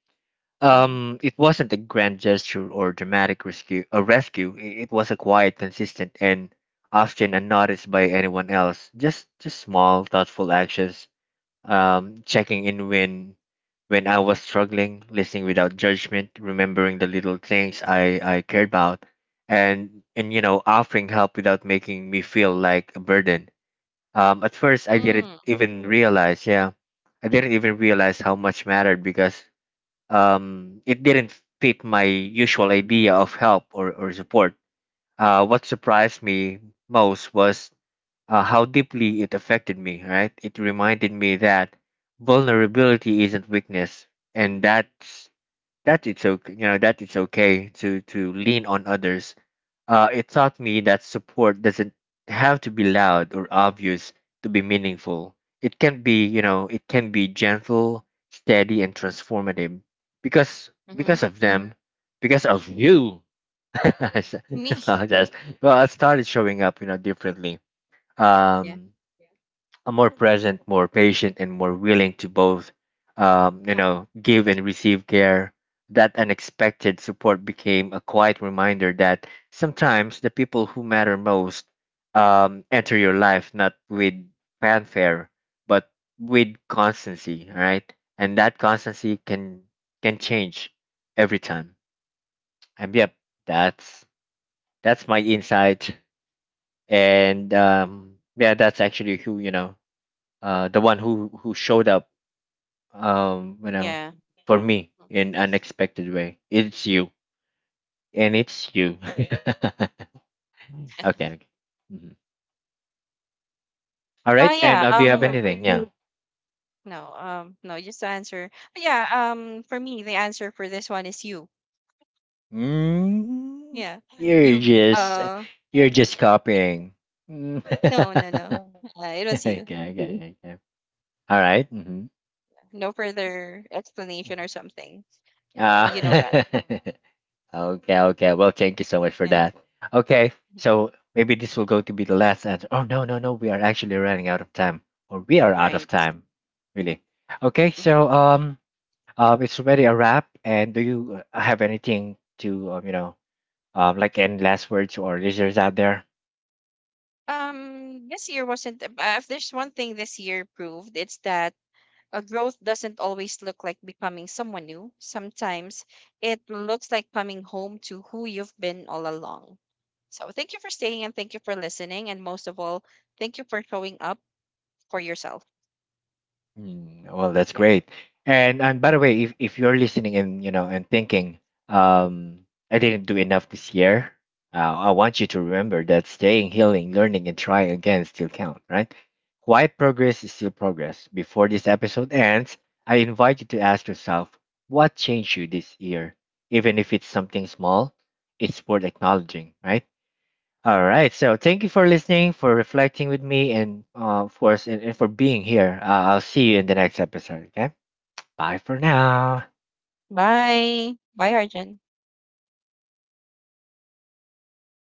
Speaker 2: Mm-hmm.
Speaker 1: It wasn't a grand gesture or dramatic rescue. A rescue. It was a quiet, consistent, and often unnoticed by anyone else. Just small, thoughtful actions checking in when I was struggling, listening without judgment, remembering the little things I cared about, and you know, offering help without making me feel like a burden. At first, I didn't
Speaker 2: Mm,
Speaker 1: even realize. Yeah, I didn't even realize how much mattered because it didn't fit my usual idea of help or support. What surprised me most was how deeply it affected me, right? It reminded me that vulnerability isn't weakness and that it's okay, you know, that it's okay to lean on others. It taught me that support doesn't have to be loud or obvious to be meaningful. It can be, you know, it can be gentle, steady and transformative because
Speaker 2: mm-hmm.
Speaker 1: because of them, because of you. I
Speaker 2: Me.
Speaker 1: apologize. Well, I started showing up, you know, differently.
Speaker 2: Yeah.
Speaker 1: Um, More present, more patient, and more willing to both, you know, give and receive care. That unexpected support became a quiet reminder that sometimes the people who matter most enter your life not with fanfare, but with constancy, right? And that constancy can change every time. And yep, that's that's my insight. And yeah, that's actually who you know, the one who showed up, you know,
Speaker 2: Yeah.
Speaker 1: for me in unexpected way. It's you, and it's you. Okay. Okay. Mhm. All
Speaker 2: Uh
Speaker 1: right. And
Speaker 2: yeah,
Speaker 1: do you have
Speaker 2: um
Speaker 1: anything? Yeah.
Speaker 2: no, no, just to answer. Yeah, um, for me the answer for this one is you.
Speaker 1: Mm,
Speaker 2: Yeah.
Speaker 1: you're
Speaker 2: you
Speaker 1: just copying. Mm.
Speaker 2: No, no, no. It was
Speaker 1: Okay.
Speaker 2: you.
Speaker 1: Okay. Okay. All right. Mm-hmm.
Speaker 2: No further explanation or something.
Speaker 1: Uh,
Speaker 2: You know that.
Speaker 1: okay, okay. Well, thank you so much for
Speaker 2: Yeah.
Speaker 1: that. Okay, so maybe this will go to be the last answer. Oh, no, no, no. We are actually running out of time, or we are out of
Speaker 2: Right.
Speaker 1: time, really. Okay,
Speaker 2: Hmm.
Speaker 1: so it's already a wrap. And do you have anything to you know, like any last words or our listeners out there?
Speaker 2: This year wasn't. Ab- If there's one thing this year proved, it's that a growth doesn't always look like becoming someone new. Sometimes it looks like coming home to who you've been all along. So thank you for staying and thank you for listening. And most of all, thank you for showing up for yourself.
Speaker 1: Mm, well, that's
Speaker 2: Yeah.
Speaker 1: great. And by the way, if you're listening and you know and thinking, um, I didn't do enough this year, I want you to remember that staying, healing, learning, and trying again still count, right? Quiet progress is still progress. Before this episode ends, I invite you to ask yourself, what changed you this year? Even if it's something small, it's worth acknowledging, right? All right. So thank you for listening, for reflecting with me, and of course, and for being here. I'll see you in the next episode. Okay. Bye for now.
Speaker 2: Bye. Bye, Arjun.